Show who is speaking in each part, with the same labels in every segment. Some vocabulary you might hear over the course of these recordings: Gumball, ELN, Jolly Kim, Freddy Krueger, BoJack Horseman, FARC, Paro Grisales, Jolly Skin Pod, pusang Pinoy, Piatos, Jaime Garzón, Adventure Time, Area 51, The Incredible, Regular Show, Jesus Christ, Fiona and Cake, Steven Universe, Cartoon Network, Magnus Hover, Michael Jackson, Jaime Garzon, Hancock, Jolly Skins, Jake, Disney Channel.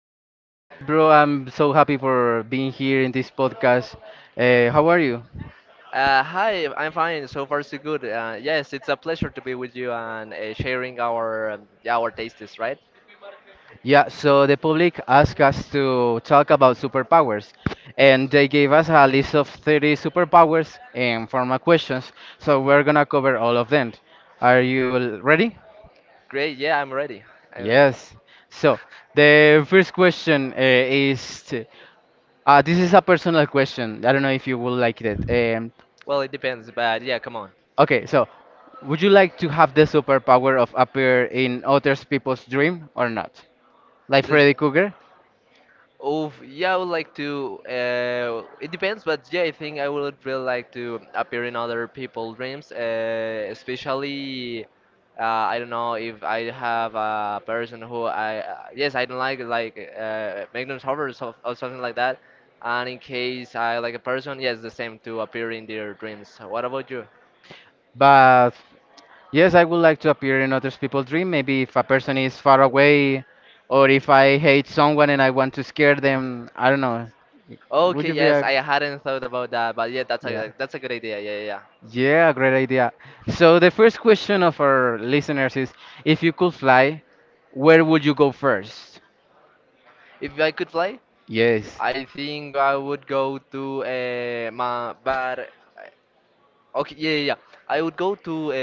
Speaker 1: so hi, bro. I'm so happy for being here in this podcast. How are you?
Speaker 2: Hi, I'm fine. So far, so good. Yes, it's a pleasure to be with you and sharing our yeah, our tastes, right?
Speaker 1: Yeah, so the public asked us to talk about superpowers, and they gave us a list of 30 superpowers in form of questions. So we're gonna cover all of them. Are you ready?
Speaker 2: Great. Yeah, I'm ready. Uh,
Speaker 1: Yes. So the first question is, this is a personal question. I don't know if you will like that.
Speaker 2: well, it depends, but yeah, come on.
Speaker 1: Okay, so would you like to have the superpower of appear in other people's dream or not? Like
Speaker 2: This.
Speaker 1: Freddy Krueger?
Speaker 2: Oh, yeah, I would like to. It depends, but yeah, I think I would really like to appear in other people's dreams, especially. I don't know if I have a person who I yes I don't like Magnus Hover or, so, or something like that, and in case I like a person, yes, the same to appear in their dreams. What about you?
Speaker 1: But yes, I would like to appear in other people's dream. Maybe if a person is far away or if I hate someone and I want to scare them, I don't know. Would
Speaker 2: Okay,
Speaker 1: you be
Speaker 2: yes,
Speaker 1: a,
Speaker 2: I hadn't thought about that, but yeah,
Speaker 1: yeah.
Speaker 2: that's a good idea. Yeah, yeah, yeah.
Speaker 1: Yeah, great idea. So the first question of our listeners is, if you could fly, where would you go first?
Speaker 2: If I could fly,
Speaker 1: Yes.
Speaker 2: I think I would go to my but eh, okay, yeah, yeah, yeah. I would go to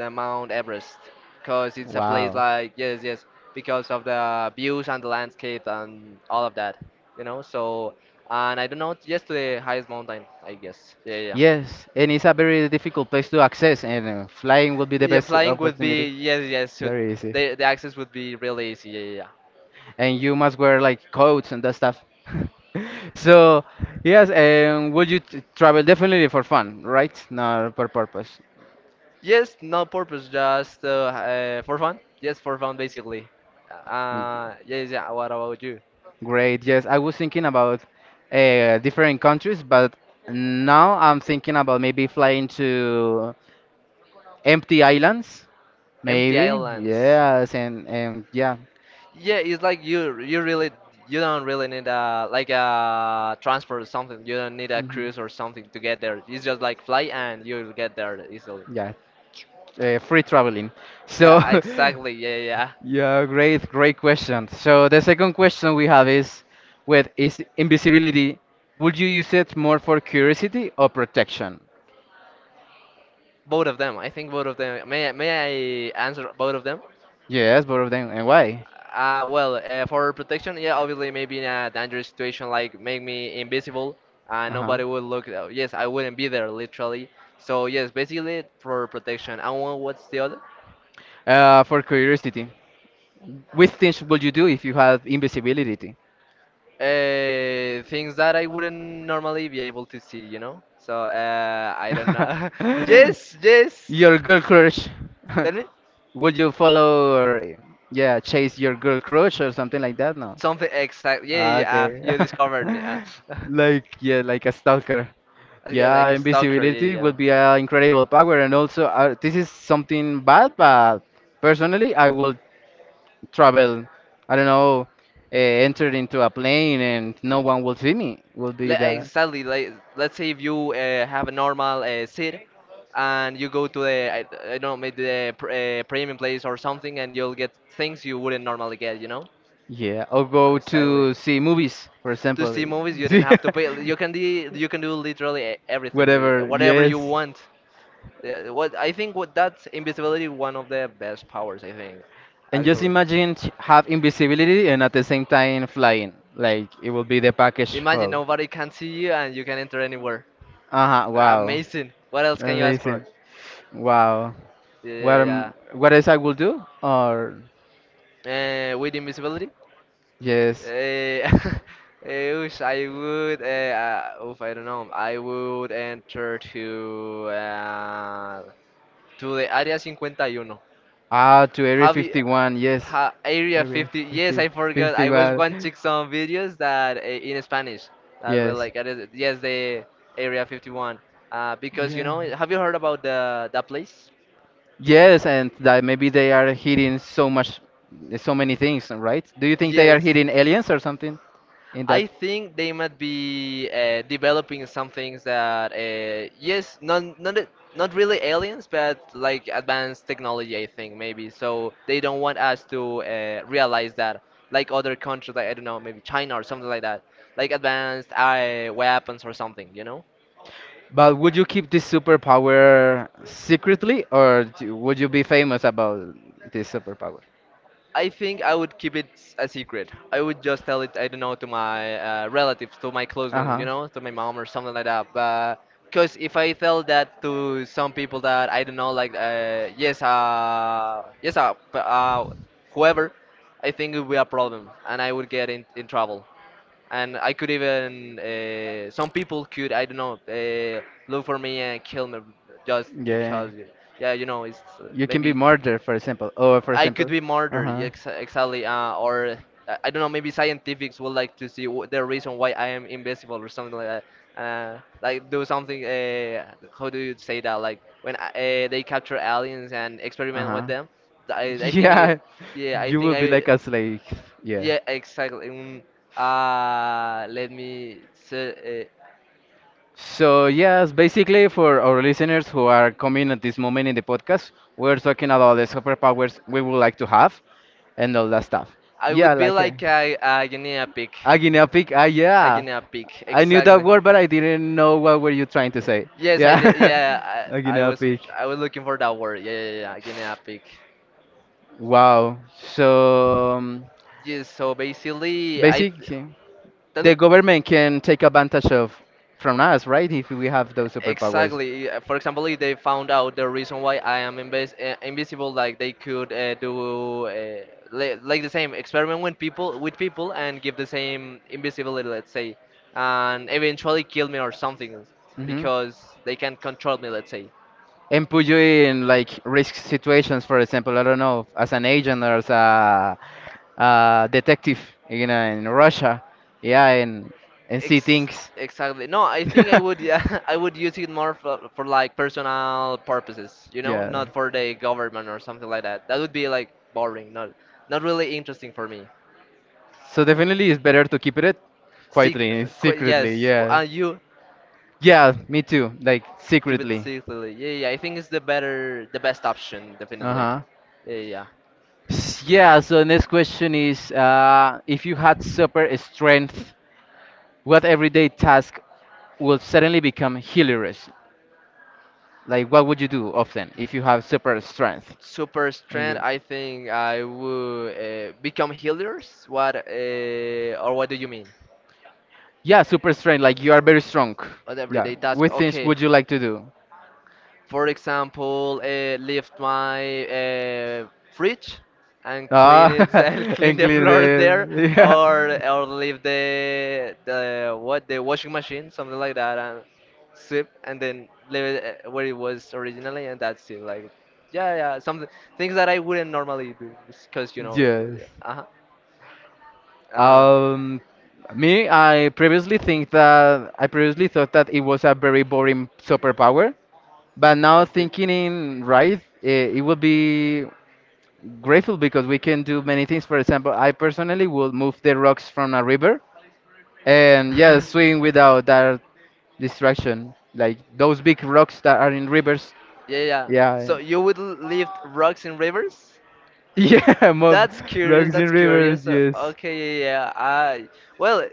Speaker 2: the Mount Everest because it's a place
Speaker 1: Wow.
Speaker 2: like, yes, yes, because of the views and the landscape and all of that, you know. So and I don't know, just to the highest mountain I guess. Yeah, yeah, yeah.
Speaker 1: Yes, and it's a very difficult place to access, and flying would be the
Speaker 2: Yeah,
Speaker 1: best
Speaker 2: flying would be,
Speaker 1: opportunity.
Speaker 2: yes, yes. So
Speaker 1: Very easy.
Speaker 2: the access would be really easy. Yeah, yeah, yeah.
Speaker 1: And you must wear like coats and that stuff. So, yes, and would you t travel definitely for fun, right? Not for purpose.
Speaker 2: Yes, no purpose, just for fun. Yes, for fun, basically. Yes, yeah, yeah. What about you?
Speaker 1: Great. Yes, I was thinking about different countries, but now I'm thinking about maybe flying to empty islands,
Speaker 2: Empty
Speaker 1: maybe.
Speaker 2: islands.
Speaker 1: Yes, and yeah.
Speaker 2: Yeah, it's like you really, you don't really need a, like a transport or something. You don't need a
Speaker 1: Mhm.
Speaker 2: cruise or something to get there. It's just like fly and you'll get there easily.
Speaker 1: Yeah, free traveling. So
Speaker 2: Yeah, exactly. Yeah, yeah, yeah.
Speaker 1: yeah, great, great question. So the second question we have is, with is invisibility, would you use it more for curiosity or protection?
Speaker 2: Both of them. I think both of them. May I answer both of them?
Speaker 1: Yes, both of them, and why?
Speaker 2: For protection, yeah, obviously, maybe in a dangerous situation, like make me invisible,
Speaker 1: Uh-huh.
Speaker 2: nobody would look. Yes, I wouldn't be there, literally. So yes, basically for protection. And what's the other?
Speaker 1: For curiosity, which things would you do if you had invisibility?
Speaker 2: Things that I wouldn't normally be able to see, you know. So I don't know. Yes, yes.
Speaker 1: Your girl crush.
Speaker 2: Tell me
Speaker 1: Would you follow or, yeah, chase your girl crush or something like that? No.
Speaker 2: something exact. Yeah, yeah,
Speaker 1: Ah,
Speaker 2: yeah.
Speaker 1: okay.
Speaker 2: You discovered me.
Speaker 1: Like, yeah, like a stalker.
Speaker 2: Like a
Speaker 1: Yeah,
Speaker 2: like a stalker.
Speaker 1: invisibility
Speaker 2: Yeah,
Speaker 1: would
Speaker 2: yeah,
Speaker 1: be an incredible power, and also this is something bad. But personally, I will
Speaker 2: yeah.
Speaker 1: travel. I don't know, uh, enter into a plane, and no one will see me. Will be that.
Speaker 2: Exactly. Like, let's say if you have a normal seat and you go to the I don't know, maybe the premium place or something, and you'll get things you wouldn't normally get, you know.
Speaker 1: Yeah, or go
Speaker 2: Exactly.
Speaker 1: to see movies, for
Speaker 2: To
Speaker 1: example.
Speaker 2: see movies, you do not have to pay. You can do, you can do literally everything, really,
Speaker 1: Whatever.
Speaker 2: whatever you
Speaker 1: Yes.
Speaker 2: want. Yeah, what I think what that's invisibility one of the best powers, I think,
Speaker 1: And just
Speaker 2: actually.
Speaker 1: imagine have invisibility and at the same time flying. Like it will be the package
Speaker 2: Imagine
Speaker 1: whole.
Speaker 2: nobody can see you and you can enter anywhere.
Speaker 1: Uh huh. Wow.
Speaker 2: Amazing. What else can you ask for?
Speaker 1: Amazing. Wow.
Speaker 2: Yeah, yeah,
Speaker 1: What
Speaker 2: yeah.
Speaker 1: am, what else I will do? Or
Speaker 2: With invisibility?
Speaker 1: yes.
Speaker 2: Uh, I wish I would. Oof, I don't know. I would enter to the Area 51.
Speaker 1: Ah, to Area
Speaker 2: Have you
Speaker 1: 51. Yes.
Speaker 2: Area
Speaker 1: Area
Speaker 2: 50? Yes,
Speaker 1: fifty
Speaker 2: I forgot.
Speaker 1: fifty
Speaker 2: I was
Speaker 1: one.
Speaker 2: watching some videos that in Spanish that were
Speaker 1: Yes.
Speaker 2: like yes, the Area 51. Because you
Speaker 1: Yeah.
Speaker 2: know, have you heard about the that place?
Speaker 1: Yes, and that maybe they are hitting so much, so many things, right? Do you think they are
Speaker 2: Yes.
Speaker 1: hitting aliens or something in that?
Speaker 2: I think they might be developing some things that, yes, not really aliens, but like advanced technology. I think maybe so they don't want us to realize that, like other countries, like I don't know, maybe China or something like that, like advanced weapons or something, you know.
Speaker 1: But would you keep this superpower secretly, or would you be famous about this superpower?
Speaker 2: I think I would keep it a secret. I would just tell it, I don't know, to my relatives, to my close
Speaker 1: Uh
Speaker 2: ones,
Speaker 1: huh.
Speaker 2: you know, to my mom or something like that. But because if I tell that to some people that I don't know, like whoever, I think it would be a problem, and I would get in trouble. And I could even some people could, I don't know, look for me and kill me just
Speaker 1: Yeah.
Speaker 2: because, yeah, you know, it's
Speaker 1: You can be
Speaker 2: maybe
Speaker 1: murdered, for example. Or for
Speaker 2: I could
Speaker 1: example.
Speaker 2: be
Speaker 1: Uh
Speaker 2: murdered,
Speaker 1: huh.
Speaker 2: yeah, ex exactly, or I don't know, maybe scientists would like to see wh the reason why I am invisible or something like that. Like do something. How do you say that? Like when they capture aliens and
Speaker 1: Uh
Speaker 2: experiment with
Speaker 1: huh.
Speaker 2: them. I I think Yeah. it,
Speaker 1: Yeah,
Speaker 2: yeah, I
Speaker 1: you
Speaker 2: think
Speaker 1: will be
Speaker 2: I,
Speaker 1: like a slave. Yeah.
Speaker 2: yeah, exactly. Let me say
Speaker 1: So, yes, basically, for our listeners who are coming at this moment in the podcast, we're talking about the superpowers we would like to have and all that stuff.
Speaker 2: I
Speaker 1: Yeah,
Speaker 2: would be
Speaker 1: like
Speaker 2: like
Speaker 1: a guinea pig. Ah,
Speaker 2: a
Speaker 1: yeah.
Speaker 2: guinea pig
Speaker 1: I knew that
Speaker 2: exactly.
Speaker 1: word, but I didn't know what were you trying to say.
Speaker 2: Yes, I
Speaker 1: Yeah,
Speaker 2: did. Yeah,
Speaker 1: a guinea pig.
Speaker 2: I was looking for that word. Yeah, yeah, yeah. Guinea pig.
Speaker 1: Wow. So,
Speaker 2: Yes. So basically,
Speaker 1: basically,
Speaker 2: tell me
Speaker 1: the government can take advantage of from us, right? If we have those superpowers.
Speaker 2: exactly. For example, if they found out the reason why I am invisible, like they could like the same experiment with people and give the same invisibility, let's say, and eventually kill me or something
Speaker 1: Hmm.
Speaker 2: because they can't control me, let's say.
Speaker 1: And put you in like risk situations, for example, I don't know, as an agent or as a, detective, you know, in Russia, yeah, and see
Speaker 2: Ex
Speaker 1: things.
Speaker 2: Exactly. No, I think I would, yeah, I would use it more for like personal purposes, you know,
Speaker 1: Yeah.
Speaker 2: not for the government or something like that. That would be like boring, not not really interesting for me.
Speaker 1: So definitely it's better to keep it
Speaker 2: Sec
Speaker 1: quietly and
Speaker 2: qu
Speaker 1: secretly,
Speaker 2: Yes,
Speaker 1: yeah.
Speaker 2: and you
Speaker 1: Yeah, me too. Like
Speaker 2: keep it
Speaker 1: secretly.
Speaker 2: secretly. Yeah, yeah, yeah. I think it's the best option, definitely.
Speaker 1: Uh-huh.
Speaker 2: Yeah, yeah, yeah.
Speaker 1: Yeah, so next question is, if you had super strength, what everyday task will suddenly become hilarious? Like what would you do often if you have super strength
Speaker 2: Super
Speaker 1: and
Speaker 2: strength,
Speaker 1: you.
Speaker 2: I think I would become healers. What Or what do you mean?
Speaker 1: Yeah, super strength, like you are very strong.
Speaker 2: What
Speaker 1: Yeah.
Speaker 2: everyday task?
Speaker 1: What things
Speaker 2: Okay.
Speaker 1: would you like to do?
Speaker 2: For example, lift my fridge and clean
Speaker 1: Ah,
Speaker 2: it and clean
Speaker 1: and
Speaker 2: the
Speaker 1: clean
Speaker 2: floor there,
Speaker 1: the, yeah.
Speaker 2: or leave the washing machine, something like that, and sweep and then leave it where it was originally, and that's it. Like, yeah, yeah, something, things that I wouldn't normally do because, you know,
Speaker 1: Yes.
Speaker 2: yeah, uh-huh. Uh,
Speaker 1: Um, Me, I previously think that I previously thought that it was a very boring superpower, but
Speaker 2: a
Speaker 1: now
Speaker 2: bit.
Speaker 1: thinking in right, it would be grateful because we can do many things. For example, I personally will move the rocks from a river, and yes, swim without that distraction. Like those big rocks that are in rivers.
Speaker 2: Yeah, yeah, yeah.
Speaker 1: Yeah,
Speaker 2: So you would lift rocks in rivers? Well,
Speaker 1: yeah, mob
Speaker 2: that's curious.
Speaker 1: rocks in
Speaker 2: That's
Speaker 1: rivers.
Speaker 2: curious. Yeah.
Speaker 1: Yes,
Speaker 2: Okay, yeah, yeah, yeah. I, well, uh,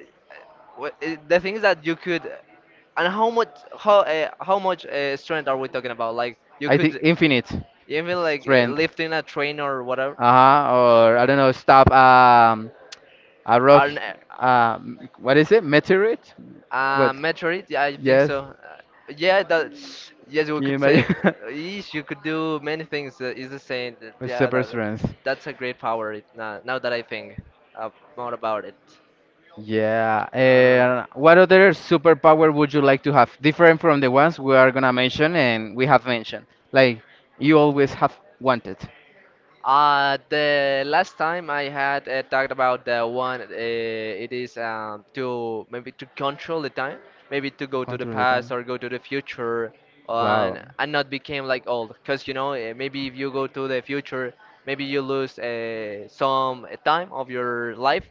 Speaker 2: wh- uh, the thing is that you could, and how much how much strength are we talking about? Like you
Speaker 1: I think
Speaker 2: could
Speaker 1: infinite
Speaker 2: even like
Speaker 1: strength.
Speaker 2: lifting a train or whatever,
Speaker 1: Uh-huh, or I don't know, stop a rock,
Speaker 2: and
Speaker 1: what is it? Meteorite? What?
Speaker 2: Metroid, yeah, I think
Speaker 1: Yes,
Speaker 2: so. Yeah, that. Yes, we
Speaker 1: can you
Speaker 2: could
Speaker 1: imagine?
Speaker 2: say. Eesh, you could do many things. Is the same.
Speaker 1: With
Speaker 2: Yeah,
Speaker 1: super
Speaker 2: that,
Speaker 1: strength.
Speaker 2: that's a great power. It, now, now that I think uh, more about it.
Speaker 1: Yeah.
Speaker 2: Uh,
Speaker 1: And what other superpower would you like to have? Different from the ones we are gonna mention and we have mentioned. Like you always have wanted.
Speaker 2: The last time I had talked about the one, it is to maybe to control the time, maybe to go to the
Speaker 1: Control the
Speaker 2: past
Speaker 1: time.
Speaker 2: or go to the future,
Speaker 1: Wow.
Speaker 2: and not become like old. Cause you know, maybe if you go to the future, maybe you lose some time of your life,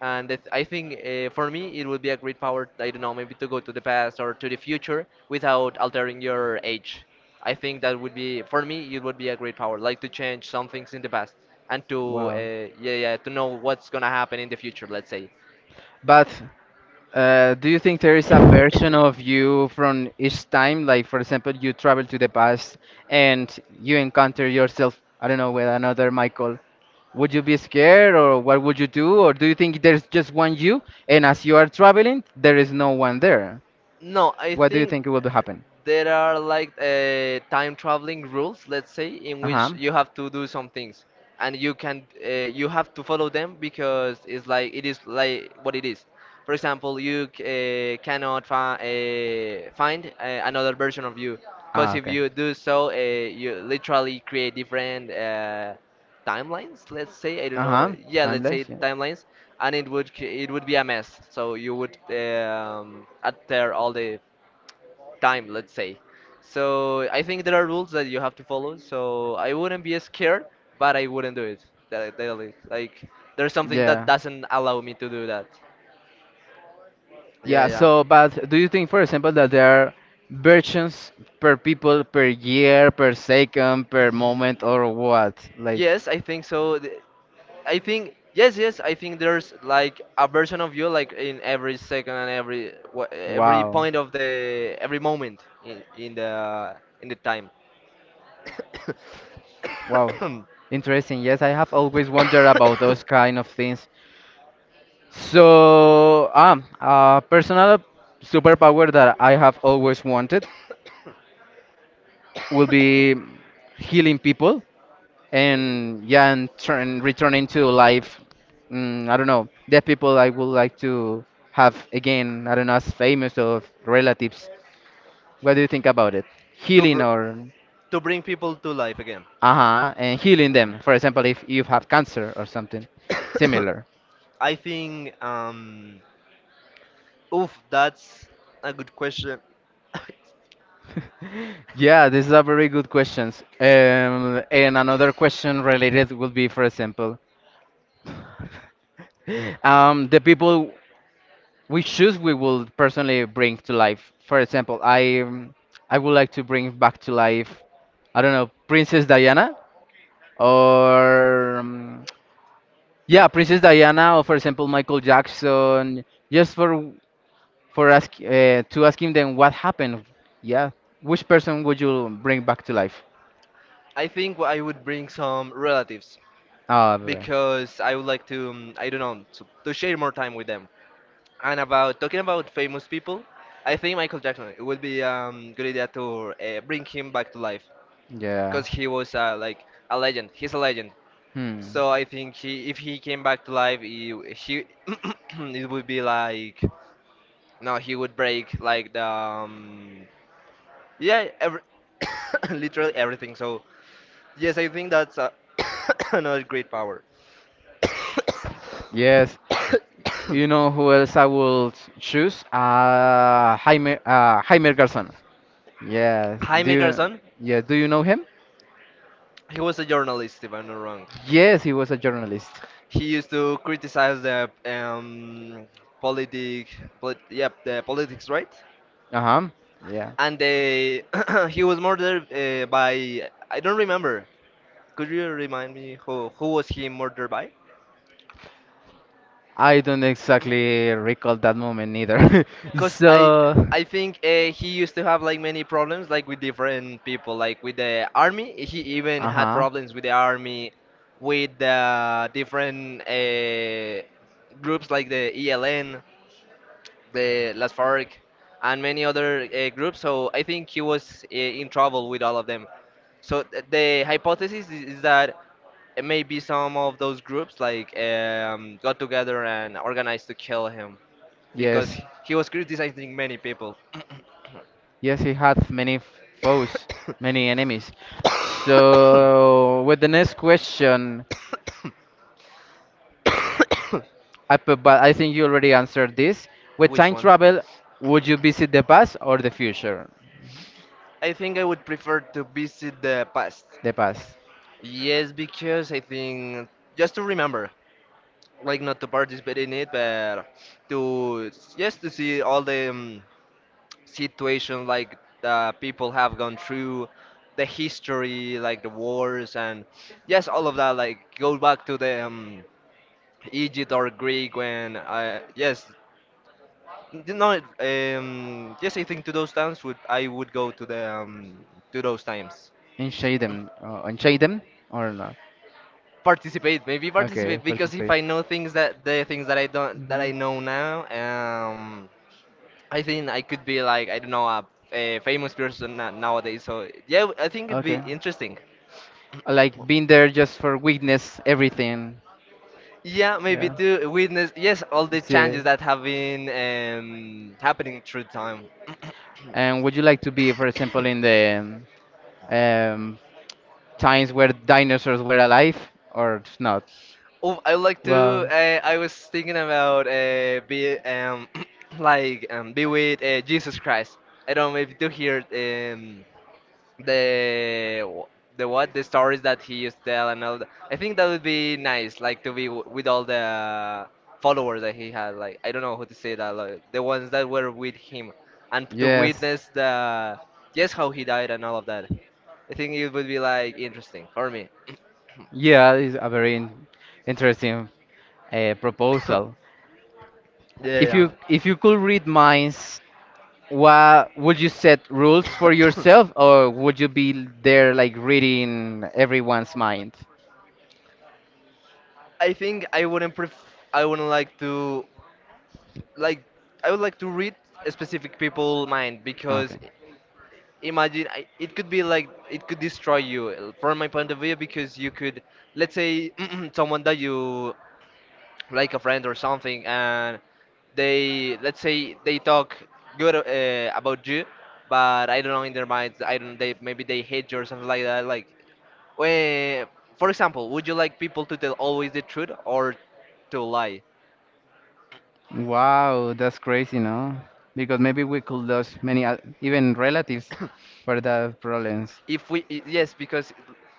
Speaker 2: and it, I think, for me it would be a great power. I don't know, maybe to go to the past or to the future without altering your age. I think that would be for me. It would be a great power, like to change some things in the past and to
Speaker 1: Wow.
Speaker 2: yeah, yeah, to know what's gonna happen in the future. Let's say,
Speaker 1: But do you think there is a version of you from each time? Like, for example, you travel to the past and you encounter yourself, I don't know, with another Michael. Would you be scared or what would you do? Or do you think there's just one you, and as you are traveling, there is no one there?
Speaker 2: no, I
Speaker 1: What do you
Speaker 2: think
Speaker 1: think will happen?
Speaker 2: there are like time traveling rules, let's say, in
Speaker 1: Uh huh.
Speaker 2: which you have to do some things, and you can you have to follow them because it's like it is like what it is. For example, you cannot find another version of you, because
Speaker 1: Ah,
Speaker 2: if
Speaker 1: okay.
Speaker 2: you do so, you literally create different timelines, let's say. I don't
Speaker 1: Uh
Speaker 2: know,
Speaker 1: huh.
Speaker 2: yeah, let's say
Speaker 1: Timeless, yeah.
Speaker 2: timelines, and it would be a mess, so you would alter all the time, let's say. So I think there are rules that you have to follow, so I wouldn't be scared, but I wouldn't do it that daily. Like there's something that
Speaker 1: Yeah.
Speaker 2: doesn't allow me to do that. Yeah,
Speaker 1: Yeah,
Speaker 2: yeah.
Speaker 1: so, but do you think, for example, that there are versions per people, per year, per
Speaker 2: Y-
Speaker 1: second, per moment, or what? Like,
Speaker 2: yes, I think so. Th- I think Yes, yes. I think there's like a version of you like in every second and every every
Speaker 1: wow.
Speaker 2: point of the every moment in the time.
Speaker 1: Wow, interesting. Yes, I have always wondered about those kind of things. So, a personal superpower that I have always wanted will be healing people, and yeah, and turn returning to life. I don't know, dead people I would like to have again. I don't know, as famous or relatives. What do you think about it?
Speaker 2: to
Speaker 1: Healing
Speaker 2: br-
Speaker 1: or
Speaker 2: to bring people to life again.
Speaker 1: uh-huh, and healing them. For example, if you have cancer or something similar.
Speaker 2: I think, oof, that's a good question.
Speaker 1: Yeah, this is a very good questions. And another question related would be, for example, the people we choose, we will personally bring to life. For example, I would like to bring back to life, I don't know, Princess Diana, or yeah, Princess Diana, or for example Michael Jackson. Just for ask, to asking them what happened. Yeah, which person would you bring back to life?
Speaker 2: I think I would bring some relatives
Speaker 1: Oh, right.
Speaker 2: because I would like to, I don't know, to share more time with them. And about talking about famous people, I think Michael Jackson. It would be good idea to bring him back to life
Speaker 1: Yeah.
Speaker 2: because he was, like, a legend. He's a legend.
Speaker 1: Hmm.
Speaker 2: So I think he, if he came back to life, he it would be like, no, he would break like the yeah, every, literally everything. So yes, I think that's another great power.
Speaker 1: Yes, you know who else I will choose? Jaime Garzon. Yes. Do
Speaker 2: Jaime
Speaker 1: you?
Speaker 2: Garzón,
Speaker 1: Yeah. Do you know him?
Speaker 2: he was a journalist, if I'm not wrong.
Speaker 1: Yes, he was a journalist.
Speaker 2: He used to criticize the politic, polit yep, the politics, right?
Speaker 1: Uh-huh. Yeah.
Speaker 2: And they, he was murdered by I don't remember. Could you remind me who was he murdered by?
Speaker 1: I don't exactly recall that moment either.
Speaker 2: Cause
Speaker 1: So.
Speaker 2: I think he used to have like many problems, like with different people, like with the army. He even had
Speaker 1: Uh-huh.
Speaker 2: problems with the army, with the different groups like the ELN, the Las FARC, and many other groups. So I think he was in trouble with all of them. So the hypothesis is that maybe some of those groups, like got together and organized to kill him because
Speaker 1: Yes.
Speaker 2: he was criticizing many people.
Speaker 1: Yes, he had many foes, many enemies. So, with the next question, but I think you already answered this. With
Speaker 2: Which
Speaker 1: time
Speaker 2: one?
Speaker 1: travel, would you visit the past or the future?
Speaker 2: I think I would prefer to visit the past.
Speaker 1: The past.
Speaker 2: Yes, because I think, just to remember, like not to participate in it, but to just to see all the situation like the people have gone through, the history, like the wars, and yes, all of that. Like go back to the Egypt or Greek when I, yes, you know, yes, I think to those times would, I would go to the to those times.
Speaker 1: In Shadem or no?
Speaker 2: Participate, maybe participate,
Speaker 1: Okay,
Speaker 2: because if
Speaker 1: participate.
Speaker 2: I know things, that the things that I don't, that I
Speaker 1: Hmm.
Speaker 2: know now, I think I could be like, I don't know, a famous person nowadays. So yeah, I think it'd be
Speaker 1: Okay.
Speaker 2: interesting.
Speaker 1: Like being there just for witness everything.
Speaker 2: Yeah, maybe
Speaker 1: Yeah.
Speaker 2: to witness, yes, all the
Speaker 1: Yeah.
Speaker 2: changes that have been happening through time.
Speaker 1: And would you like to be, for example, in the um, times where dinosaurs were alive or not?
Speaker 2: Oh, I would like to,
Speaker 1: Well,
Speaker 2: I was thinking about be like be with Jesus Christ. I don't know if you hear um the the what the stories that he used to tell and all that. I think that would be nice, like to be with all the followers that he had. Like, I don't know how to say that, like the ones that were with him, and to
Speaker 1: yes.
Speaker 2: witness the, just how he died and all of that. I think it would be like interesting for me.
Speaker 1: Yeah, it's a very interesting
Speaker 2: Yeah.
Speaker 1: proposal. If
Speaker 2: Yeah.
Speaker 1: you if you could read minds, what would you set rules for yourself, or would you be there like reading everyone's mind?
Speaker 2: I think I wouldn't pref- I wouldn't like to, like, I would like to read a specific people mind because
Speaker 1: Okay.
Speaker 2: imagine, I, it could be like, it could destroy you, from my point of view, because you could, let's say, someone that you, like a friend or something, and they, let's say, they talk good about you, but I don't know, in their minds, I don't, they, maybe they hate you or something like that. Like, when, for example, would you like people to tell always the truth or to lie?
Speaker 1: Wow, that's crazy, no? Because maybe we could lose many, even relatives for the problems.
Speaker 2: If we I- Yes, because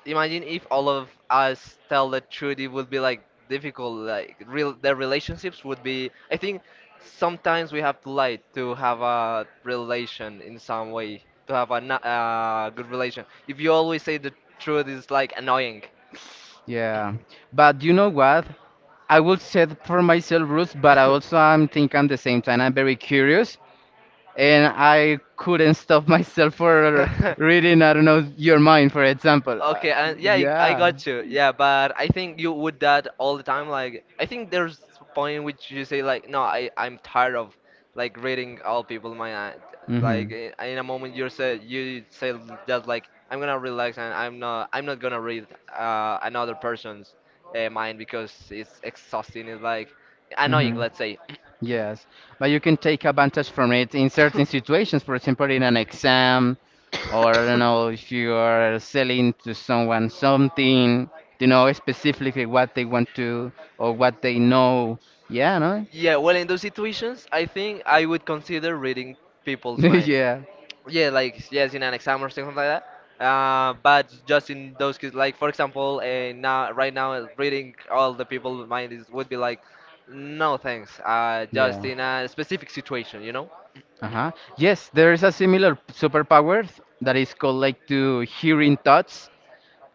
Speaker 2: imagine if all of us tell the truth, it would be like difficult, like real, their relationships would be, I think. Sometimes we have to lie to have a relation, in some way to have a good relation. If you always say the truth, it's like annoying.
Speaker 1: Yeah. But you know what? I will set for myself rules, but I also I'm think I'm the same time. I'm very curious, and I couldn't stop myself for reading, I don't know, your mind, for example.
Speaker 2: Okay, and yeah, I
Speaker 1: Yeah.
Speaker 2: got you. Yeah, but I think you would that all the time. Like, I think there's a point in which you say like, no, I'm tired of like reading all people in my eye." Like,
Speaker 1: Mm-hmm.
Speaker 2: in a moment you say, you say, just like, I'm gonna relax and I'm not, I'm not gonna read another person's mind because it's exhausting. It's like annoying,
Speaker 1: Mm-hmm.
Speaker 2: let's say.
Speaker 1: Yes, but you can take advantage from it in certain situations. For example, in an exam, or I don't know if you are selling to someone something, you know specifically what they want to or what they know. Yeah, no?
Speaker 2: Yeah, well, in those situations, I think I would consider reading people's mind.
Speaker 1: Yeah,
Speaker 2: Yeah, like yes, in an exam or something like that. But just in those cases, like for example, now right now, reading all the people's mind is, would be like, no thanks. Just
Speaker 1: yeah.
Speaker 2: in a specific situation, you know.
Speaker 1: Uh-huh. Yes, there is a similar superpower that is called like to hearing thoughts.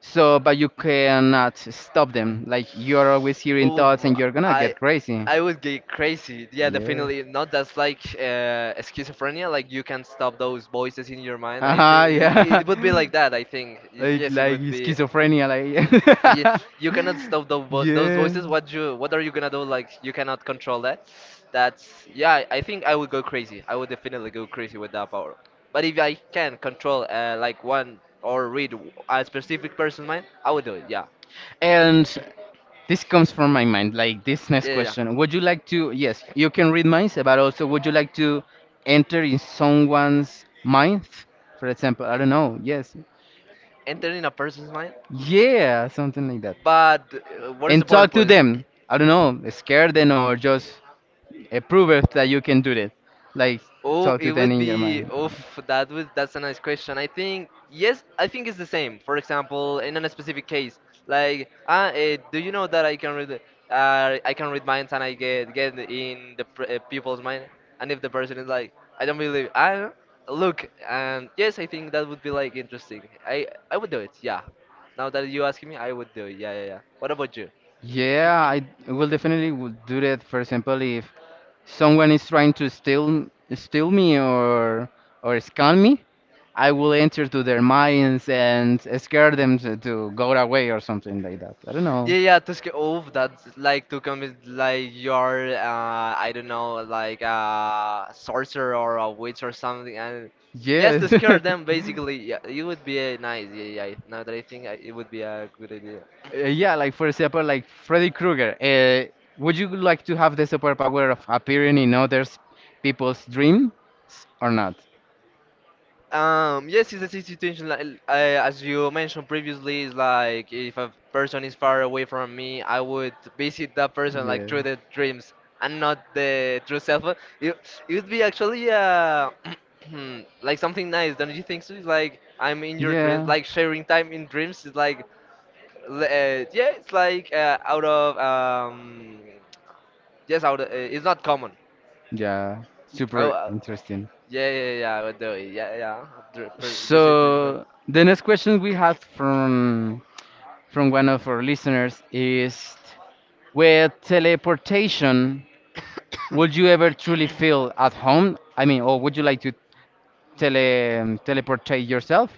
Speaker 1: So, but you cannot stop them. Like you're always hearing
Speaker 2: Oof,
Speaker 1: thoughts, and you're gonna get
Speaker 2: I
Speaker 1: crazy.
Speaker 2: I would get crazy. Yeah,
Speaker 1: Yeah.
Speaker 2: definitely. Not, that's like schizophrenia. Like you can stop those voices in your mind. I think
Speaker 1: Uh-huh,
Speaker 2: it,
Speaker 1: yeah.
Speaker 2: it would be like that. I think
Speaker 1: Like
Speaker 2: yes, it
Speaker 1: like
Speaker 2: would be,
Speaker 1: schizophrenia,
Speaker 2: you,
Speaker 1: like.
Speaker 2: you cannot stop those, those
Speaker 1: Yeah.
Speaker 2: voices. What you, what are you gonna do? Like you cannot control that. That's, yeah, I think I would go crazy. I would definitely go crazy with that power. But if I can control like one, or read a specific person's mind, I would do it. Yeah.
Speaker 1: And
Speaker 2: Yeah,
Speaker 1: this comes from my mind, like this next
Speaker 2: yeah. Yeah.
Speaker 1: question. Would you like to, yes, you can read minds, but also would you like to enter in someone's mind? For example, I don't know, yes.
Speaker 2: Entering a person's mind,
Speaker 1: Yeah, something like that.
Speaker 2: but what is the
Speaker 1: And talk to
Speaker 2: purpose?
Speaker 1: them. I don't know, scare them or just prove it that you can do it. Like
Speaker 2: Oh,
Speaker 1: talk to
Speaker 2: it
Speaker 1: them
Speaker 2: would
Speaker 1: in your
Speaker 2: be.
Speaker 1: mind.
Speaker 2: Oof, that would. That's a nice question. I think yes. I think it's the same. For example, in a specific case, like, ah, do you know that I can read minds and I get in the people's mind, and if the person is like, I don't believe, I look, and yes, I think that would be like interesting. I would do it. Yeah. Now that you asking me, I would do it. Yeah, yeah, yeah. What about you?
Speaker 1: Yeah, I will definitely will do that. For example, if someone is trying to steal me or scam me, I will enter to their minds and scare them to go away or something like that. I don't know.
Speaker 2: Yeah, yeah, to scare off. That's like to commit like your, I don't know, like a sorcerer or a witch or something, and just
Speaker 1: Yeah.
Speaker 2: to scare them basically. Yeah, it would be nice. Yeah, yeah. Now that I think, I, it would be a good idea.
Speaker 1: Yeah, like for example, like Freddy Krueger. Would you like to have the superpower of appearing in others' people's dreams or not?
Speaker 2: Yes, it's a situation like as you mentioned previously. Is like, if a person is far away from me, I would visit that person like
Speaker 1: Yeah.
Speaker 2: through the dreams and not the through cell phone. It would be actually like something nice, don't you think so? It's like, I'm in your dreams,
Speaker 1: Yeah.
Speaker 2: like sharing time in dreams. Is like yeah, it's like out of yes, out of, it's not common.
Speaker 1: Yeah,
Speaker 2: Oh,
Speaker 1: super interesting.
Speaker 2: yeah, yeah, yeah, I would do it. Yeah, yeah. Visit, you
Speaker 1: So the next question we have from one of our listeners is, with teleportation,
Speaker 2: know.
Speaker 1: would you ever truly feel at home? I mean, or would you like to teleportate yourself?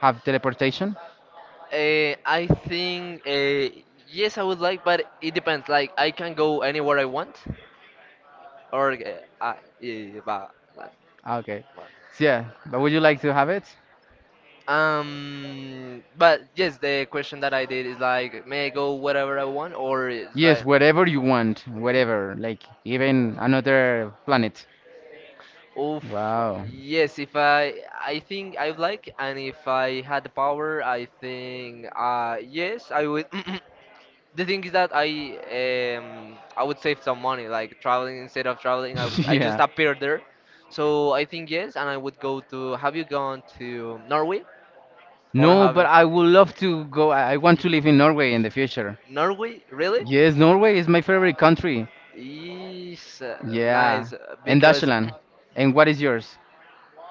Speaker 1: Have teleportation?
Speaker 2: I think yes, I would like, but it depends. Like I can go anywhere I want, or I, eh, but,
Speaker 1: Okay.
Speaker 2: but-
Speaker 1: So, yeah, but would you like to have it?
Speaker 2: but yes, the question that I did is like, may I go wherever I want, or it's
Speaker 1: Yes,
Speaker 2: like,
Speaker 1: wherever you want, wherever, like even another planet.
Speaker 2: oof,
Speaker 1: Wow.
Speaker 2: yes, if I, I think I would like, and if I had the power, I think, yes, I would. The thing is that I, I would save some money, like traveling instead of traveling. I, would, I just
Speaker 1: Yeah.
Speaker 2: appeared there, so I think yes, and I would go to. Have you gone to Norway or
Speaker 1: No,
Speaker 2: have
Speaker 1: but
Speaker 2: you?
Speaker 1: I would love to go. I want to live in Norway in the future.
Speaker 2: Norway, really?
Speaker 1: Yes, Norway is my favorite country.
Speaker 2: Is
Speaker 1: Yeah.
Speaker 2: nice
Speaker 1: And
Speaker 2: because
Speaker 1: Dutchland. And what is yours?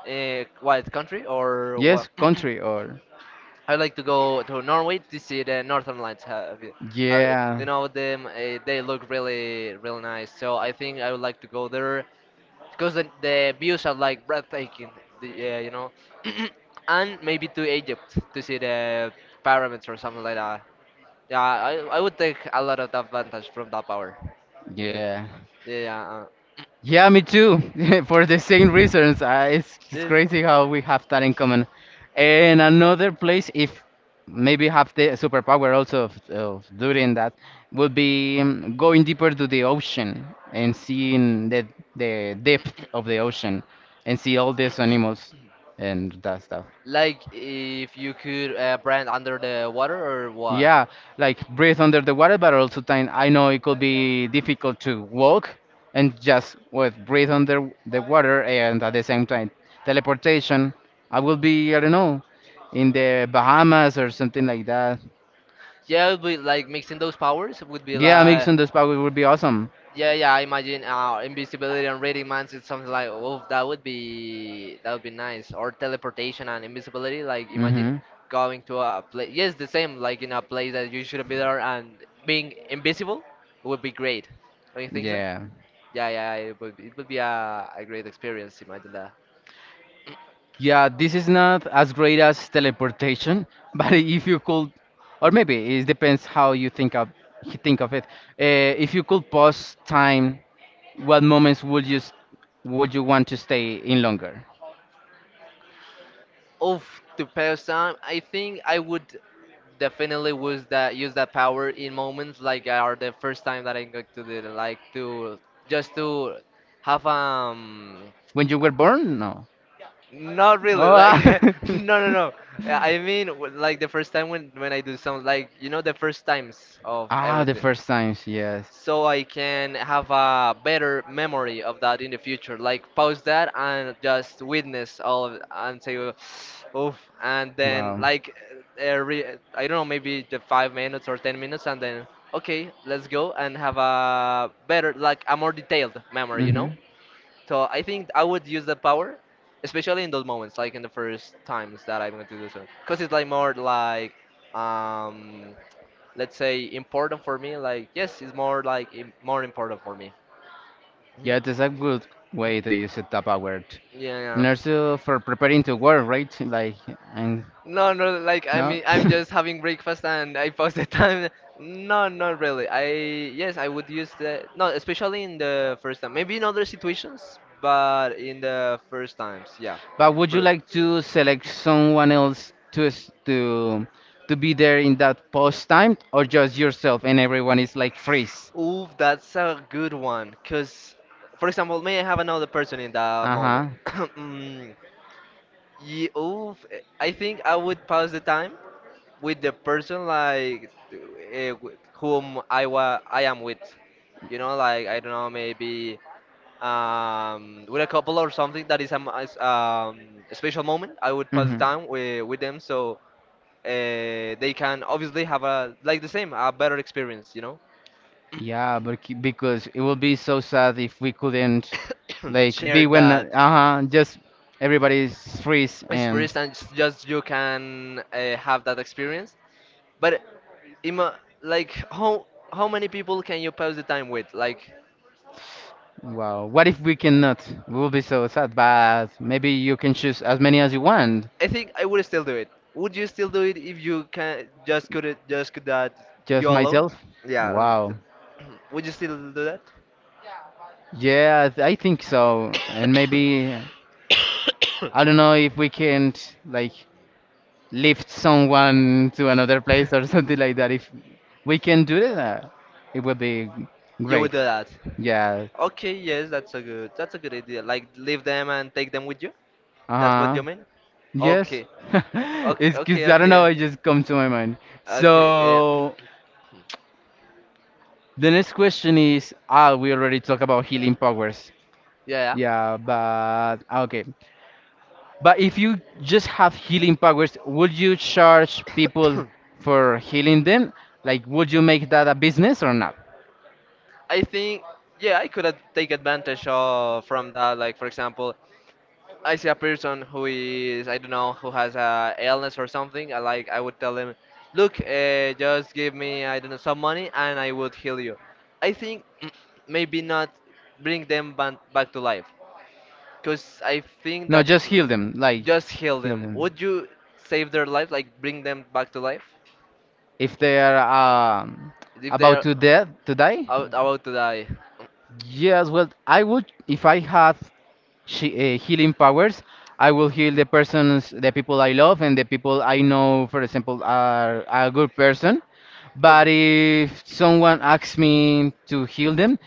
Speaker 2: what country or
Speaker 1: Yes,
Speaker 2: what?
Speaker 1: country or
Speaker 2: I like to go to Norway to see the Northern Lights. Have you, have you,
Speaker 1: yeah.
Speaker 2: you know them? They look really, really nice. So I think I would like to go there. Because the views are like breathtaking. The, you know, and maybe to Egypt to see the pyramids or something like that. Yeah, I would take a lot of advantage from that power. Uh,
Speaker 1: Yeah.
Speaker 2: yeah, yeah,
Speaker 1: Yeah, me too. For the same reasons. It's
Speaker 2: yes.
Speaker 1: crazy how we have that in common. And another place, if maybe have the superpower also of doing that, would be going deeper to the ocean and seeing the depth of the ocean and see all these animals and that stuff.
Speaker 2: Like if you could brand under the water or what?
Speaker 1: Yeah, like breathe under the water, but also time I know it could be difficult to walk and just with breathe under the water and at the same time teleportation. I will be, I don't know, in the Bahamas or something like that.
Speaker 2: Yeah, it would be like mixing those powers would be
Speaker 1: Yeah,
Speaker 2: like,
Speaker 1: mixing those powers would be awesome.
Speaker 2: yeah, yeah. I imagine invisibility and reading minds. It's something like, oh, that would be, that would be nice. Or teleportation and invisibility. Like imagine
Speaker 1: Mm-hmm.
Speaker 2: going to a place. Yes, the same. Like in a place that you shouldn't be there and being invisible would be great. Don't you think so?
Speaker 1: Yeah.
Speaker 2: Yeah, yeah. It would be a great experience. Imagine that.
Speaker 1: Yeah, this is not as great as teleportation, but if you could, or maybe it depends how you think of it. Uh, if you could pause time, what moments would you would you want to stay in longer?
Speaker 2: Of to pass time, I think I would definitely use that power in moments like are the first time that I got to do it, like to just to have
Speaker 1: When you were
Speaker 2: uh,
Speaker 1: born? No.
Speaker 2: not really,
Speaker 1: Oh,
Speaker 2: like
Speaker 1: ah.
Speaker 2: No no. I mean like the first time when I do some, like, you know, the first times of
Speaker 1: Ah, the
Speaker 2: everything,
Speaker 1: first times, yes.
Speaker 2: so I can have a better memory of that in the future. Like pause that and just witness all of and say, oof, and then
Speaker 1: Wow.
Speaker 2: like, I don't know, maybe the 5 minutes or 10 minutes, and then okay, let's go and have a better, like a more detailed memory, you know?
Speaker 1: Hmm.
Speaker 2: So I think I would use that power, especially in those moments, like in the first times that I'm going to do so, because it's like more like, um, let's say important for me. Like yes, it's more like more important for me. Hmm.
Speaker 1: Yeah, that's a good way to use a Tupperware.
Speaker 2: Yeah, yeah.
Speaker 1: And also for preparing to work, right? Like, and
Speaker 2: No, no. Like I
Speaker 1: no?
Speaker 2: mean, I'm just having breakfast and I pass the time. No, not really. I, yes, I would use the, no, especially in the first time. Maybe in other situations, but in the first times, yeah.
Speaker 1: But would you
Speaker 2: Pre-
Speaker 1: like to select someone else to to be there in that post time, or just yourself and everyone is like freeze?
Speaker 2: Ooh, that's a good one. Cause, for example, may I have another person in that
Speaker 1: Uh
Speaker 2: moment?
Speaker 1: huh.
Speaker 2: Mm, yeah, ooh, I think I would pass the time with the person, like uh, whom I am with. You know, like I don't know, maybe with a couple or something that is is, a special moment. I would pass the
Speaker 1: Hmm.
Speaker 2: time with them so they can obviously have a like the same a better experience. You know.
Speaker 1: Yeah, but because it would be so sad if we couldn't, like,
Speaker 2: Share
Speaker 1: be when uh
Speaker 2: that.
Speaker 1: huh, just everybody's freeze
Speaker 2: It's free,
Speaker 1: and
Speaker 2: and it's just you can have that experience. But ima like how many people can you pass the time with? Like
Speaker 1: wow. What if we cannot? We will be so sad, but maybe you can choose as many as you want.
Speaker 2: I think I would still do it. Would you still do it if you can just could it just could that
Speaker 1: Just
Speaker 2: you alone?
Speaker 1: myself?
Speaker 2: Yeah.
Speaker 1: Wow.
Speaker 2: Would you still do that?
Speaker 1: Yeah, I think so. And maybe, I don't know if we can't, like, lift someone to another place or something like that. If we can do that, it would be
Speaker 2: You
Speaker 1: great.
Speaker 2: would do that.
Speaker 1: Yeah.
Speaker 2: Okay, yes, that's a good idea. Like leave them and take them with you? That's what
Speaker 1: Uh-huh.
Speaker 2: you mean?
Speaker 1: Yes.
Speaker 2: Okay. Okay,
Speaker 1: It's
Speaker 2: okay,
Speaker 1: because I don't know,
Speaker 2: okay.
Speaker 1: it just comes to my mind.
Speaker 2: Okay, yeah.
Speaker 1: So, the next question is, ah, we already talked about healing powers.
Speaker 2: Yeah, yeah.
Speaker 1: Yeah, but ah, okay. But if you just have healing powers, would you charge people for healing them? Like, would you make that a business or not?
Speaker 2: I think yeah, I could have take advantage of from that. Like for example, I see a person who is I don't know who has a illness or something. I would tell him, look, just give me I don't know some money and I would heal you. I think maybe not bring them back to life, cause I think
Speaker 1: No,
Speaker 2: that
Speaker 1: just heal them. Like,
Speaker 2: just heal
Speaker 1: heal
Speaker 2: them.
Speaker 1: them.
Speaker 2: Would you save their life, like bring them back to life
Speaker 1: If they are um,
Speaker 2: if they
Speaker 1: about
Speaker 2: are
Speaker 1: to death, to die.
Speaker 2: about to die?
Speaker 1: Yes, well, I would if I had she, healing powers. I will heal the persons, the people I love, and the people I know, for example, are a good person. But
Speaker 2: Okay.
Speaker 1: if someone asks me to heal them,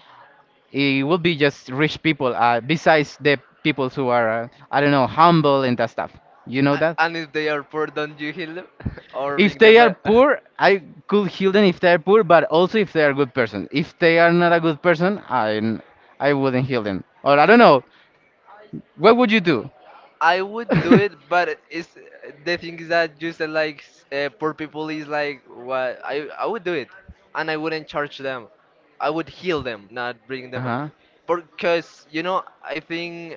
Speaker 1: it will be just rich people, besides the people who are, I don't know, humble and that stuff. You know that?
Speaker 2: And if they are poor, don't you heal them? or
Speaker 1: If
Speaker 2: being the
Speaker 1: they are poor, I could heal them if they are poor, but also if they are a good person. If they are not a good person, I wouldn't heal them. Or I don't know. What would you do?
Speaker 2: I would do it, but it's the thing is that you said like poor people is like what I would do it, and I wouldn't charge them. I would heal them, not bring them,
Speaker 1: Uh-huh.
Speaker 2: because you know I think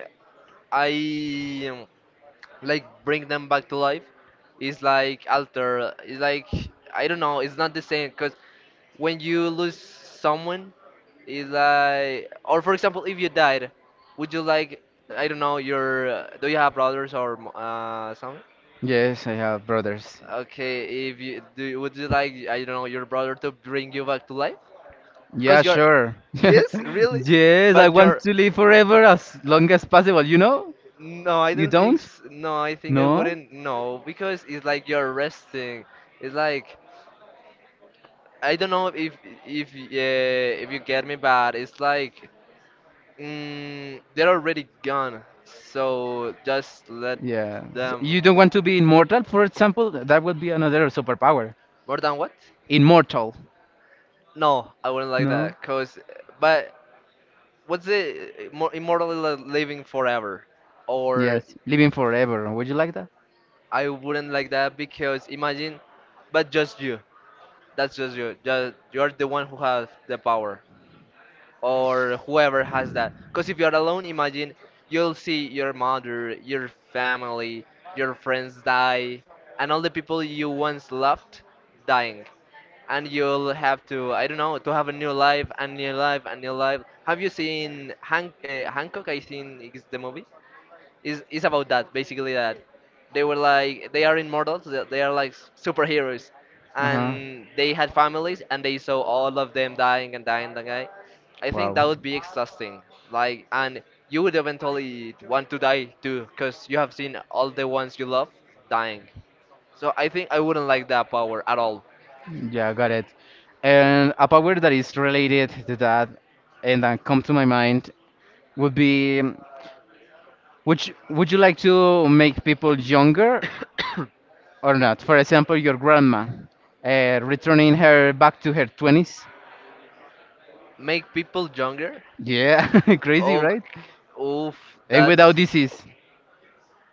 Speaker 2: I like bring them back to life is like alter it's like I don't know it's not the same because when you lose someone is like or for example if you died would you like I don't know your do you have brothers or something
Speaker 1: Yes, I have brothers.
Speaker 2: okay if you do would you like I don't know your brother to bring you back to life
Speaker 1: Yeah,
Speaker 2: because you're
Speaker 1: sure.
Speaker 2: yes really
Speaker 1: Yes, I
Speaker 2: but
Speaker 1: want
Speaker 2: you're
Speaker 1: to live forever as long as possible, you know?
Speaker 2: no, I
Speaker 1: You
Speaker 2: don't think.
Speaker 1: don't?
Speaker 2: No, I think I
Speaker 1: No?
Speaker 2: wouldn't. No, because it's like you're resting. It's like I don't know if yeah if you get me, but it's like they're already gone. So just let
Speaker 1: Yeah. So
Speaker 2: them.
Speaker 1: you don't want to be immortal, for example? That would be another superpower.
Speaker 2: More than what?
Speaker 1: Immortal.
Speaker 2: No, I wouldn't like
Speaker 1: No?
Speaker 2: that. Cause, but what's it? More immortally living forever, or
Speaker 1: Yes, living forever. Would you like that?
Speaker 2: I wouldn't like that because imagine, but just you. That's just you. Just, you're the one who has the power, or whoever has that. Because if you're alone, imagine you'll see your mother, your family, your friends die, and all the people you once loved dying. And you'll have to, I don't know, to have a new life, and new life, and new life. Have you seen Hancock? I seen it's the movie is about that basically that they were like they are immortals they are like superheroes
Speaker 1: Uh-huh.
Speaker 2: and they had families and they saw all of them dying and dying and dying. I think that
Speaker 1: Wow.
Speaker 2: would be exhausting like and you would eventually want to die too because you have seen all the ones you love dying, so I think I wouldn't like that power at all.
Speaker 1: Yeah, got it. And a power that is related to that and that come to my mind would be would you like to make people younger or not? For example, your grandma, returning her back to her 20s.
Speaker 2: Make people younger.
Speaker 1: Yeah, crazy,
Speaker 2: Oh,
Speaker 1: right?
Speaker 2: oof,
Speaker 1: And
Speaker 2: that's
Speaker 1: without disease.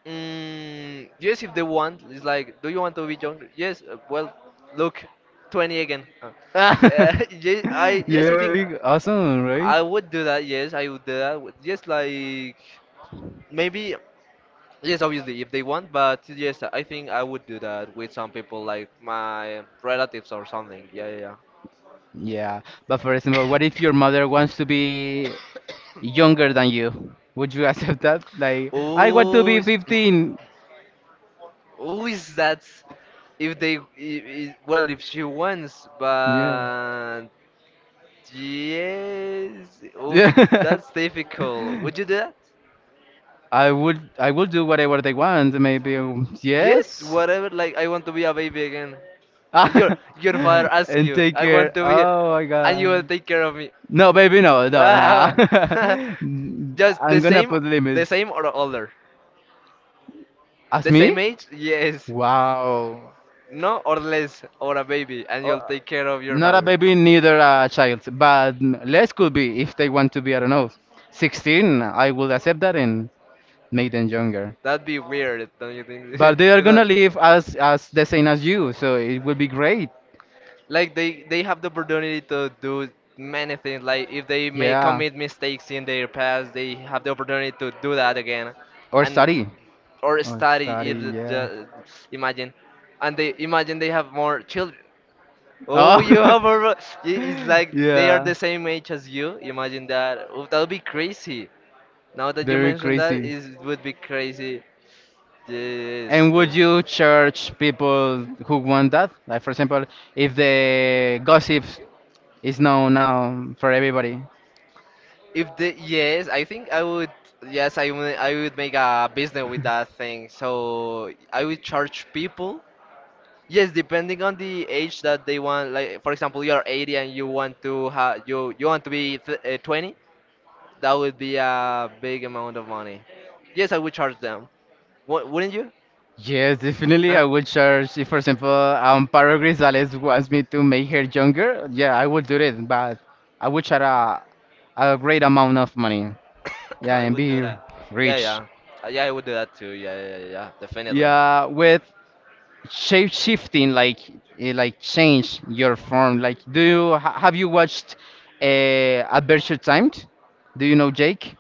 Speaker 2: mm, yes, if they want, it's like, do you want to be younger? Yes. Well, look, 20 again. Yes,
Speaker 1: Yeah,
Speaker 2: I
Speaker 1: would
Speaker 2: think
Speaker 1: be awesome, right?
Speaker 2: I would do that. Yes, I would do that. Yes, like maybe yes, obviously if they want, but yes, I think I would do that with some people like my relatives or something. Yeah, yeah,
Speaker 1: Yeah, but for example, what if your mother wants to be younger
Speaker 2: yeah.
Speaker 1: than you? Would you accept that? Like, I want to
Speaker 2: Oh,
Speaker 1: be 15.
Speaker 2: always that's if they well if she wants
Speaker 1: Yeah.
Speaker 2: but yes
Speaker 1: Yeah.
Speaker 2: oof that's difficult would you do that
Speaker 1: I would do whatever they want, maybe
Speaker 2: yes
Speaker 1: yes.
Speaker 2: whatever like I want to be a baby again.
Speaker 1: Ah,
Speaker 2: your your father asks
Speaker 1: and
Speaker 2: you
Speaker 1: take
Speaker 2: I want
Speaker 1: care.
Speaker 2: to be
Speaker 1: Oh my
Speaker 2: and you will
Speaker 1: god.
Speaker 2: take care of me.
Speaker 1: No, baby, no, no, nah.
Speaker 2: Ah, just the
Speaker 1: I'm gonna
Speaker 2: same,
Speaker 1: put
Speaker 2: the
Speaker 1: limits.
Speaker 2: same or older,
Speaker 1: As
Speaker 2: the same
Speaker 1: me?
Speaker 2: age yes,
Speaker 1: Wow.
Speaker 2: no or less or a baby and you'll take care of your
Speaker 1: Not a
Speaker 2: father.
Speaker 1: baby, neither a child, but less could be if they want to be, I don't know, 16. I will accept that and make them younger.
Speaker 2: That'd be weird, don't you think?
Speaker 1: But they are
Speaker 2: Is
Speaker 1: gonna
Speaker 2: that
Speaker 1: live as the same as you, so it will be great.
Speaker 2: like they have the opportunity to do many things like if they may
Speaker 1: Yeah.
Speaker 2: commit mistakes in their past they have the opportunity to do that again,
Speaker 1: Or
Speaker 2: and
Speaker 1: study.
Speaker 2: or
Speaker 1: Or
Speaker 2: study if
Speaker 1: study, yeah.
Speaker 2: the imagine and they imagine they have more children. Oh,
Speaker 1: Oh,
Speaker 2: you have a. It's like they are
Speaker 1: yeah.
Speaker 2: the same age as you. Imagine that. Oh, that would be crazy. Now that you
Speaker 1: Very
Speaker 2: mentioned that,
Speaker 1: crazy.
Speaker 2: it would be crazy. Yes.
Speaker 1: And would
Speaker 2: Uh,
Speaker 1: you charge people who want that? Like, for example, if the gossip is known now for everybody,
Speaker 2: if the yes, I think I would. Yes, I would. I would make a business with that thing. So I would charge people. Yes, depending on the age that they want, like for example, you're 80 and you want to have you want to be th 20, that would be a big amount of money. Yes, I would charge them. Wouldn't you?
Speaker 1: yes, definitely.
Speaker 2: Uh,
Speaker 1: I would charge. See, for example, Paro Grisales wants me to make her younger. Yeah, I would do it, but I would charge a great amount of money. Yeah,
Speaker 2: I
Speaker 1: and
Speaker 2: would do
Speaker 1: be
Speaker 2: that. Yeah,
Speaker 1: rich.
Speaker 2: yeah, uh, yeah, I would do that too. Yeah, yeah, yeah, yeah, definitely.
Speaker 1: Yeah, with shape shifting, like eh, like change your form. Like, do you have you watched Adventure Timed? Do you know Jake?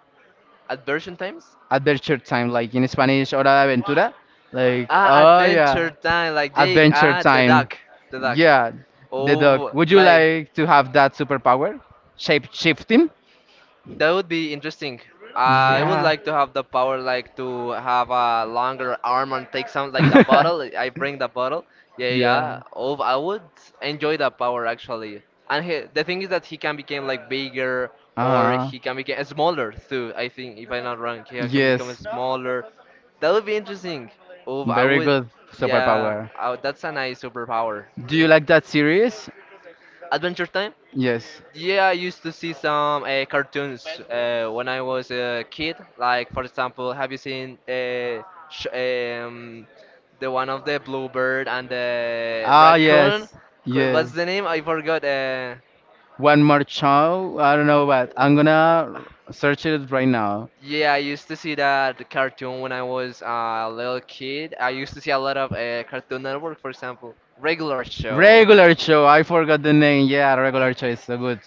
Speaker 2: At version times?
Speaker 1: Adventure time, like in Spanish, hora de aventura. Like,
Speaker 2: Ah,
Speaker 1: oh yeah,
Speaker 2: Adventure Time, like Jake.
Speaker 1: adventure
Speaker 2: Ah,
Speaker 1: time.
Speaker 2: the duck.
Speaker 1: Yeah, the dog.
Speaker 2: Oh,
Speaker 1: Would you
Speaker 2: like.
Speaker 1: like to have that superpower? Shape shifting?
Speaker 2: That would be interesting. I would
Speaker 1: Yeah.
Speaker 2: like to have the power, like to have a longer arm and take some, like the bottle. I bring the bottle. Yeah,
Speaker 1: Yeah.
Speaker 2: yeah. Oh, I would enjoy that power actually. And he, the thing is that he can become like bigger, or
Speaker 1: Uh-huh.
Speaker 2: he can become smaller too. I think if I'm not wrong, he can become
Speaker 1: Yes.
Speaker 2: smaller. That would be interesting. Oh, I
Speaker 1: Very
Speaker 2: would.
Speaker 1: good
Speaker 2: Yeah,
Speaker 1: superpower.
Speaker 2: that's a nice superpower.
Speaker 1: Do you like that series?
Speaker 2: Adventure Time.
Speaker 1: Yes.
Speaker 2: Yeah, I used to see some cartoons when I was a kid. Like, for example, have you seen sh the one of the bluebird and the
Speaker 1: Ah,
Speaker 2: raccoon?
Speaker 1: yes. Yes.
Speaker 2: What's the name? I forgot.
Speaker 1: One more show? I don't know, but I'm
Speaker 2: W-
Speaker 1: gonna search it right now.
Speaker 2: yeah, I used to see that cartoon when I was a little kid. I used to see a lot of Cartoon Network, for example, regular show.
Speaker 1: Regular show. I forgot the name. Yeah, regular show is so good.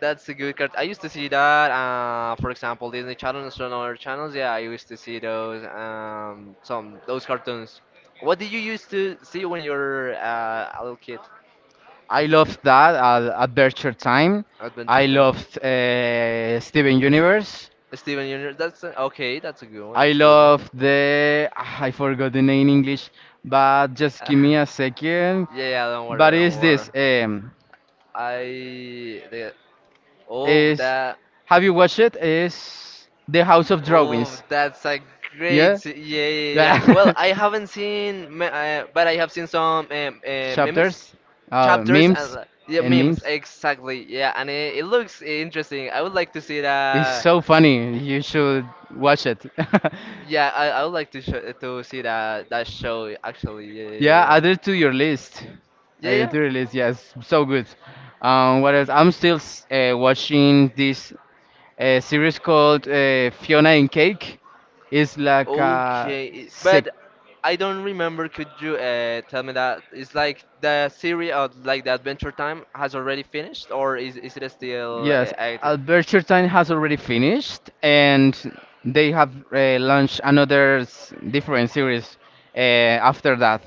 Speaker 2: That's a good card. I used to see that. For example, Disney Channel and some other channels. Yeah, I used to see those. Some those cartoons. What did you used to see when you were a little kid?
Speaker 1: I loved that Adventure Time.
Speaker 2: Adventure
Speaker 1: I
Speaker 2: Time.
Speaker 1: loved Steven Universe.
Speaker 2: Steven Universe. That's a, okay. That's a good one.
Speaker 1: I
Speaker 2: That's a good one.
Speaker 1: love the ah, I forgot the name in English, but just give me a second.
Speaker 2: Yeah, yeah. Don't worry.
Speaker 1: But
Speaker 2: Don't
Speaker 1: is
Speaker 2: worry.
Speaker 1: this
Speaker 2: I the Oh
Speaker 1: is
Speaker 2: that.
Speaker 1: have you watched it? Is The House of
Speaker 2: Oh,
Speaker 1: Drawings?
Speaker 2: that's a great.
Speaker 1: Yeah.
Speaker 2: Yeah, yeah, yeah. Well,
Speaker 1: Yeah.
Speaker 2: I haven't seen, but I have seen some memes,
Speaker 1: Chapters,
Speaker 2: chapters, and
Speaker 1: memes,
Speaker 2: yeah,
Speaker 1: and
Speaker 2: memes.
Speaker 1: memes.
Speaker 2: Exactly. Yeah, and it looks interesting. I would like to see
Speaker 1: It's
Speaker 2: that.
Speaker 1: so funny. You should watch it.
Speaker 2: Yeah, I would like to sh to see that that show actually.
Speaker 1: Yeah,
Speaker 2: Yeah,
Speaker 1: add it to your list.
Speaker 2: yeah,
Speaker 1: Add
Speaker 2: yeah.
Speaker 1: it
Speaker 2: Yeah,
Speaker 1: to your list. Yes, so good. What else? I'm still watching this series called
Speaker 2: yeah.
Speaker 1: Fiona and Cake. It's like a
Speaker 2: Okay, but
Speaker 1: sec-
Speaker 2: I don't remember. Could you tell me that it's like the series of like the Adventure Time has already finished, or is it still
Speaker 1: yes,
Speaker 2: active?
Speaker 1: Albertine has already finished, and they have launched another different series after that.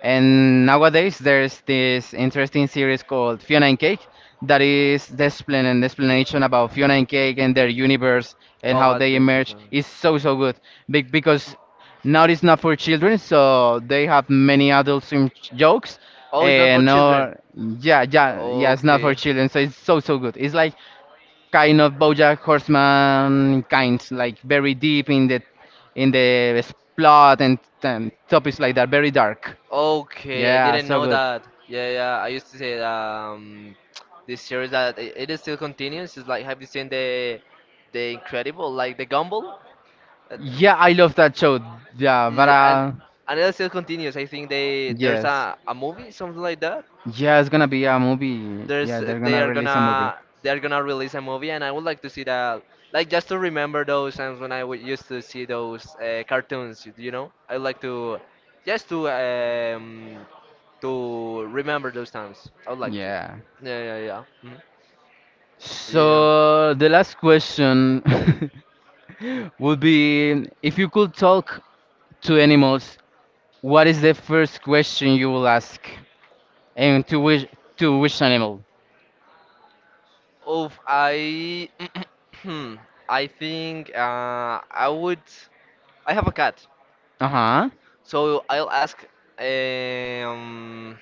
Speaker 1: And nowadays, there's this interesting series called Fiona and Cake that is the explain and the explanation about Fiona and Cake and their universe and
Speaker 2: Of
Speaker 1: how they
Speaker 2: Adventure
Speaker 1: emerge
Speaker 2: Time.
Speaker 1: is so so good. Because now it's not for children, so they have many adult swim jokes.
Speaker 2: Oh, it's not for
Speaker 1: And
Speaker 2: children.
Speaker 1: yeah, yeah, yeah, it's not for
Speaker 2: Okay.
Speaker 1: children, so it's so so good. It's like kind of BoJack Horseman kind, like very deep in the plot and topics like that, very dark.
Speaker 2: Okay, I
Speaker 1: Yeah,
Speaker 2: didn't
Speaker 1: so
Speaker 2: know
Speaker 1: good.
Speaker 2: that. Yeah, yeah. I used to say this series that it is still continues. It's like have you seen the Incredible, like the Gumball? Uh,
Speaker 1: Yeah, I love that show. Yeah, but
Speaker 2: Yeah, and it still continues. I think they there's
Speaker 1: yes,
Speaker 2: a movie something like that
Speaker 1: yeah, it's gonna be a movie. Yeah,
Speaker 2: there's
Speaker 1: they're
Speaker 2: they
Speaker 1: gonna
Speaker 2: are
Speaker 1: release a movie.
Speaker 2: gonna release a movie and I would like to see that like just to remember those times when used to see those cartoons you know I like to just to remember those times I would like to
Speaker 1: Yeah.
Speaker 2: yeah yeah yeah. Mhm. Yeah.
Speaker 1: So the last question would be if you could talk to animals, what is the first question you will ask? And to which animal?
Speaker 2: Oof, I I think I would I have a cat.
Speaker 1: Uh-huh.
Speaker 2: So I'll ask um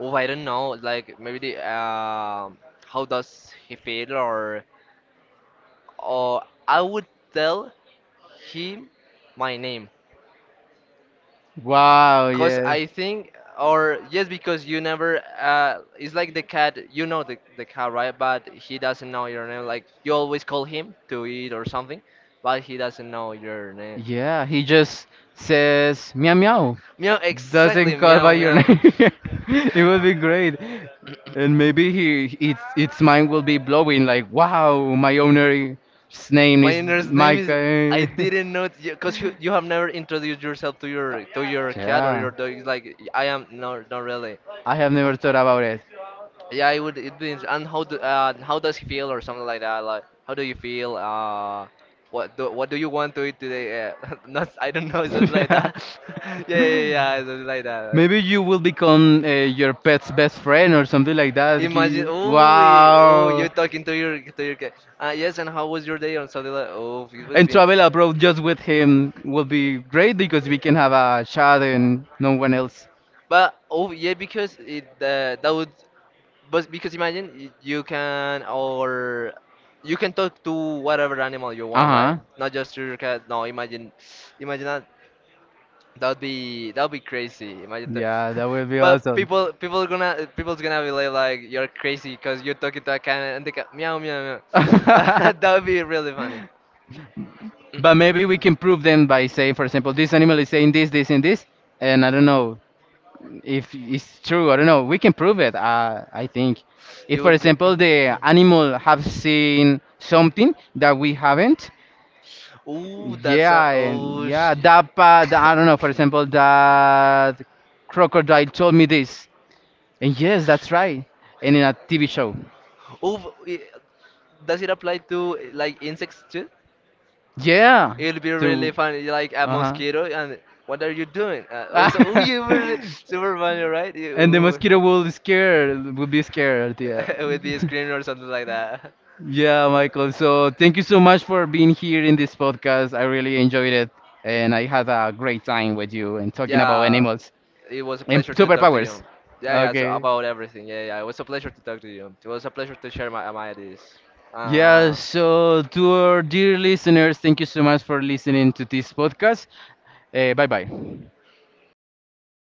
Speaker 2: oh, I don't know. Like maybe the how does he feel or I would tell him my name.
Speaker 1: Wow,
Speaker 2: Cause
Speaker 1: yes.
Speaker 2: I think, or yes, because you never. It's like the cat. You know the cat, right? But he doesn't know your name. Like you always call him to eat or something, but he doesn't know your name.
Speaker 1: Yeah, he just says meow meow.
Speaker 2: Meow. Exactly.
Speaker 1: Doesn't call by
Speaker 2: Meow.
Speaker 1: your
Speaker 2: Meow.
Speaker 1: name. It would be great. And maybe he its mind will be blowing like wow, my owner's name
Speaker 2: My
Speaker 1: is
Speaker 2: owner's name
Speaker 1: Mike.
Speaker 2: is. I didn't know because you have never introduced yourself to your cat or
Speaker 1: Yeah.
Speaker 2: your dog. It's like I am not not really.
Speaker 1: I have never thought about it.
Speaker 2: Yeah, it would it means and how do how does he feel or something like that? Like how do you feel? What do you want to eat today? Not I don't know something like that. Yeah yeah yeah something like that.
Speaker 1: Maybe you will become your pet's best friend or something like that.
Speaker 2: Imagine, oh, oh, you're
Speaker 1: Wow.
Speaker 2: talking to your cat. Yes, and how was your day on Sunday? Like, oh, it would
Speaker 1: And
Speaker 2: be.
Speaker 1: travel abroad just with him will be great because we can have a chat and no one else.
Speaker 2: But oh yeah, because it that would, but because imagine you can or you can talk to whatever animal you
Speaker 1: Uh
Speaker 2: want, right?
Speaker 1: huh.
Speaker 2: Not just your cat. No, imagine, imagine that. That'd be crazy. Imagine that.
Speaker 1: Yeah, that would be
Speaker 2: But
Speaker 1: awesome.
Speaker 2: people are gonna people's gonna be like you're crazy because you're talking to a cat and the cat meow meow meow. That would be really funny.
Speaker 1: But maybe we can prove them by saying, for example, this animal is saying this, this, and this, and I don't know if it's true. I don't know. We can prove it. I think, if
Speaker 2: It
Speaker 1: for
Speaker 2: would be.
Speaker 1: example the animal have seen something that we haven't,
Speaker 2: Ooh, that's a
Speaker 1: yeah, and
Speaker 2: oh
Speaker 1: yeah,
Speaker 2: shit.
Speaker 1: that part, I don't know, for example, that crocodile told me this. And yes, that's right. And in a TV show.
Speaker 2: Ooh, i- does it apply to like insects too?
Speaker 1: Yeah.
Speaker 2: It'll be
Speaker 1: To
Speaker 2: really funny, like a
Speaker 1: uh-huh.
Speaker 2: mosquito, and what are you doing? Or so, oh, you were super funny, right? You,
Speaker 1: And the mosquito
Speaker 2: ooh.
Speaker 1: will scare will be scared, yeah.
Speaker 2: It would be screaming or something like that.
Speaker 1: Yeah, Michael. So thank you so much for being here in this podcast. I really enjoyed it and I had a great time with you and talking about
Speaker 2: Yeah,
Speaker 1: animals
Speaker 2: it was a
Speaker 1: and
Speaker 2: pleasure to talk to
Speaker 1: superpowers.
Speaker 2: you. Yeah, yeah, so
Speaker 1: Okay.
Speaker 2: about everything. Yeah, yeah, it was a pleasure to talk to you. It was a pleasure to share my ideas.
Speaker 1: Yeah,
Speaker 2: Uh,
Speaker 1: so to our dear listeners, thank you so much for listening to this podcast. Bye bye.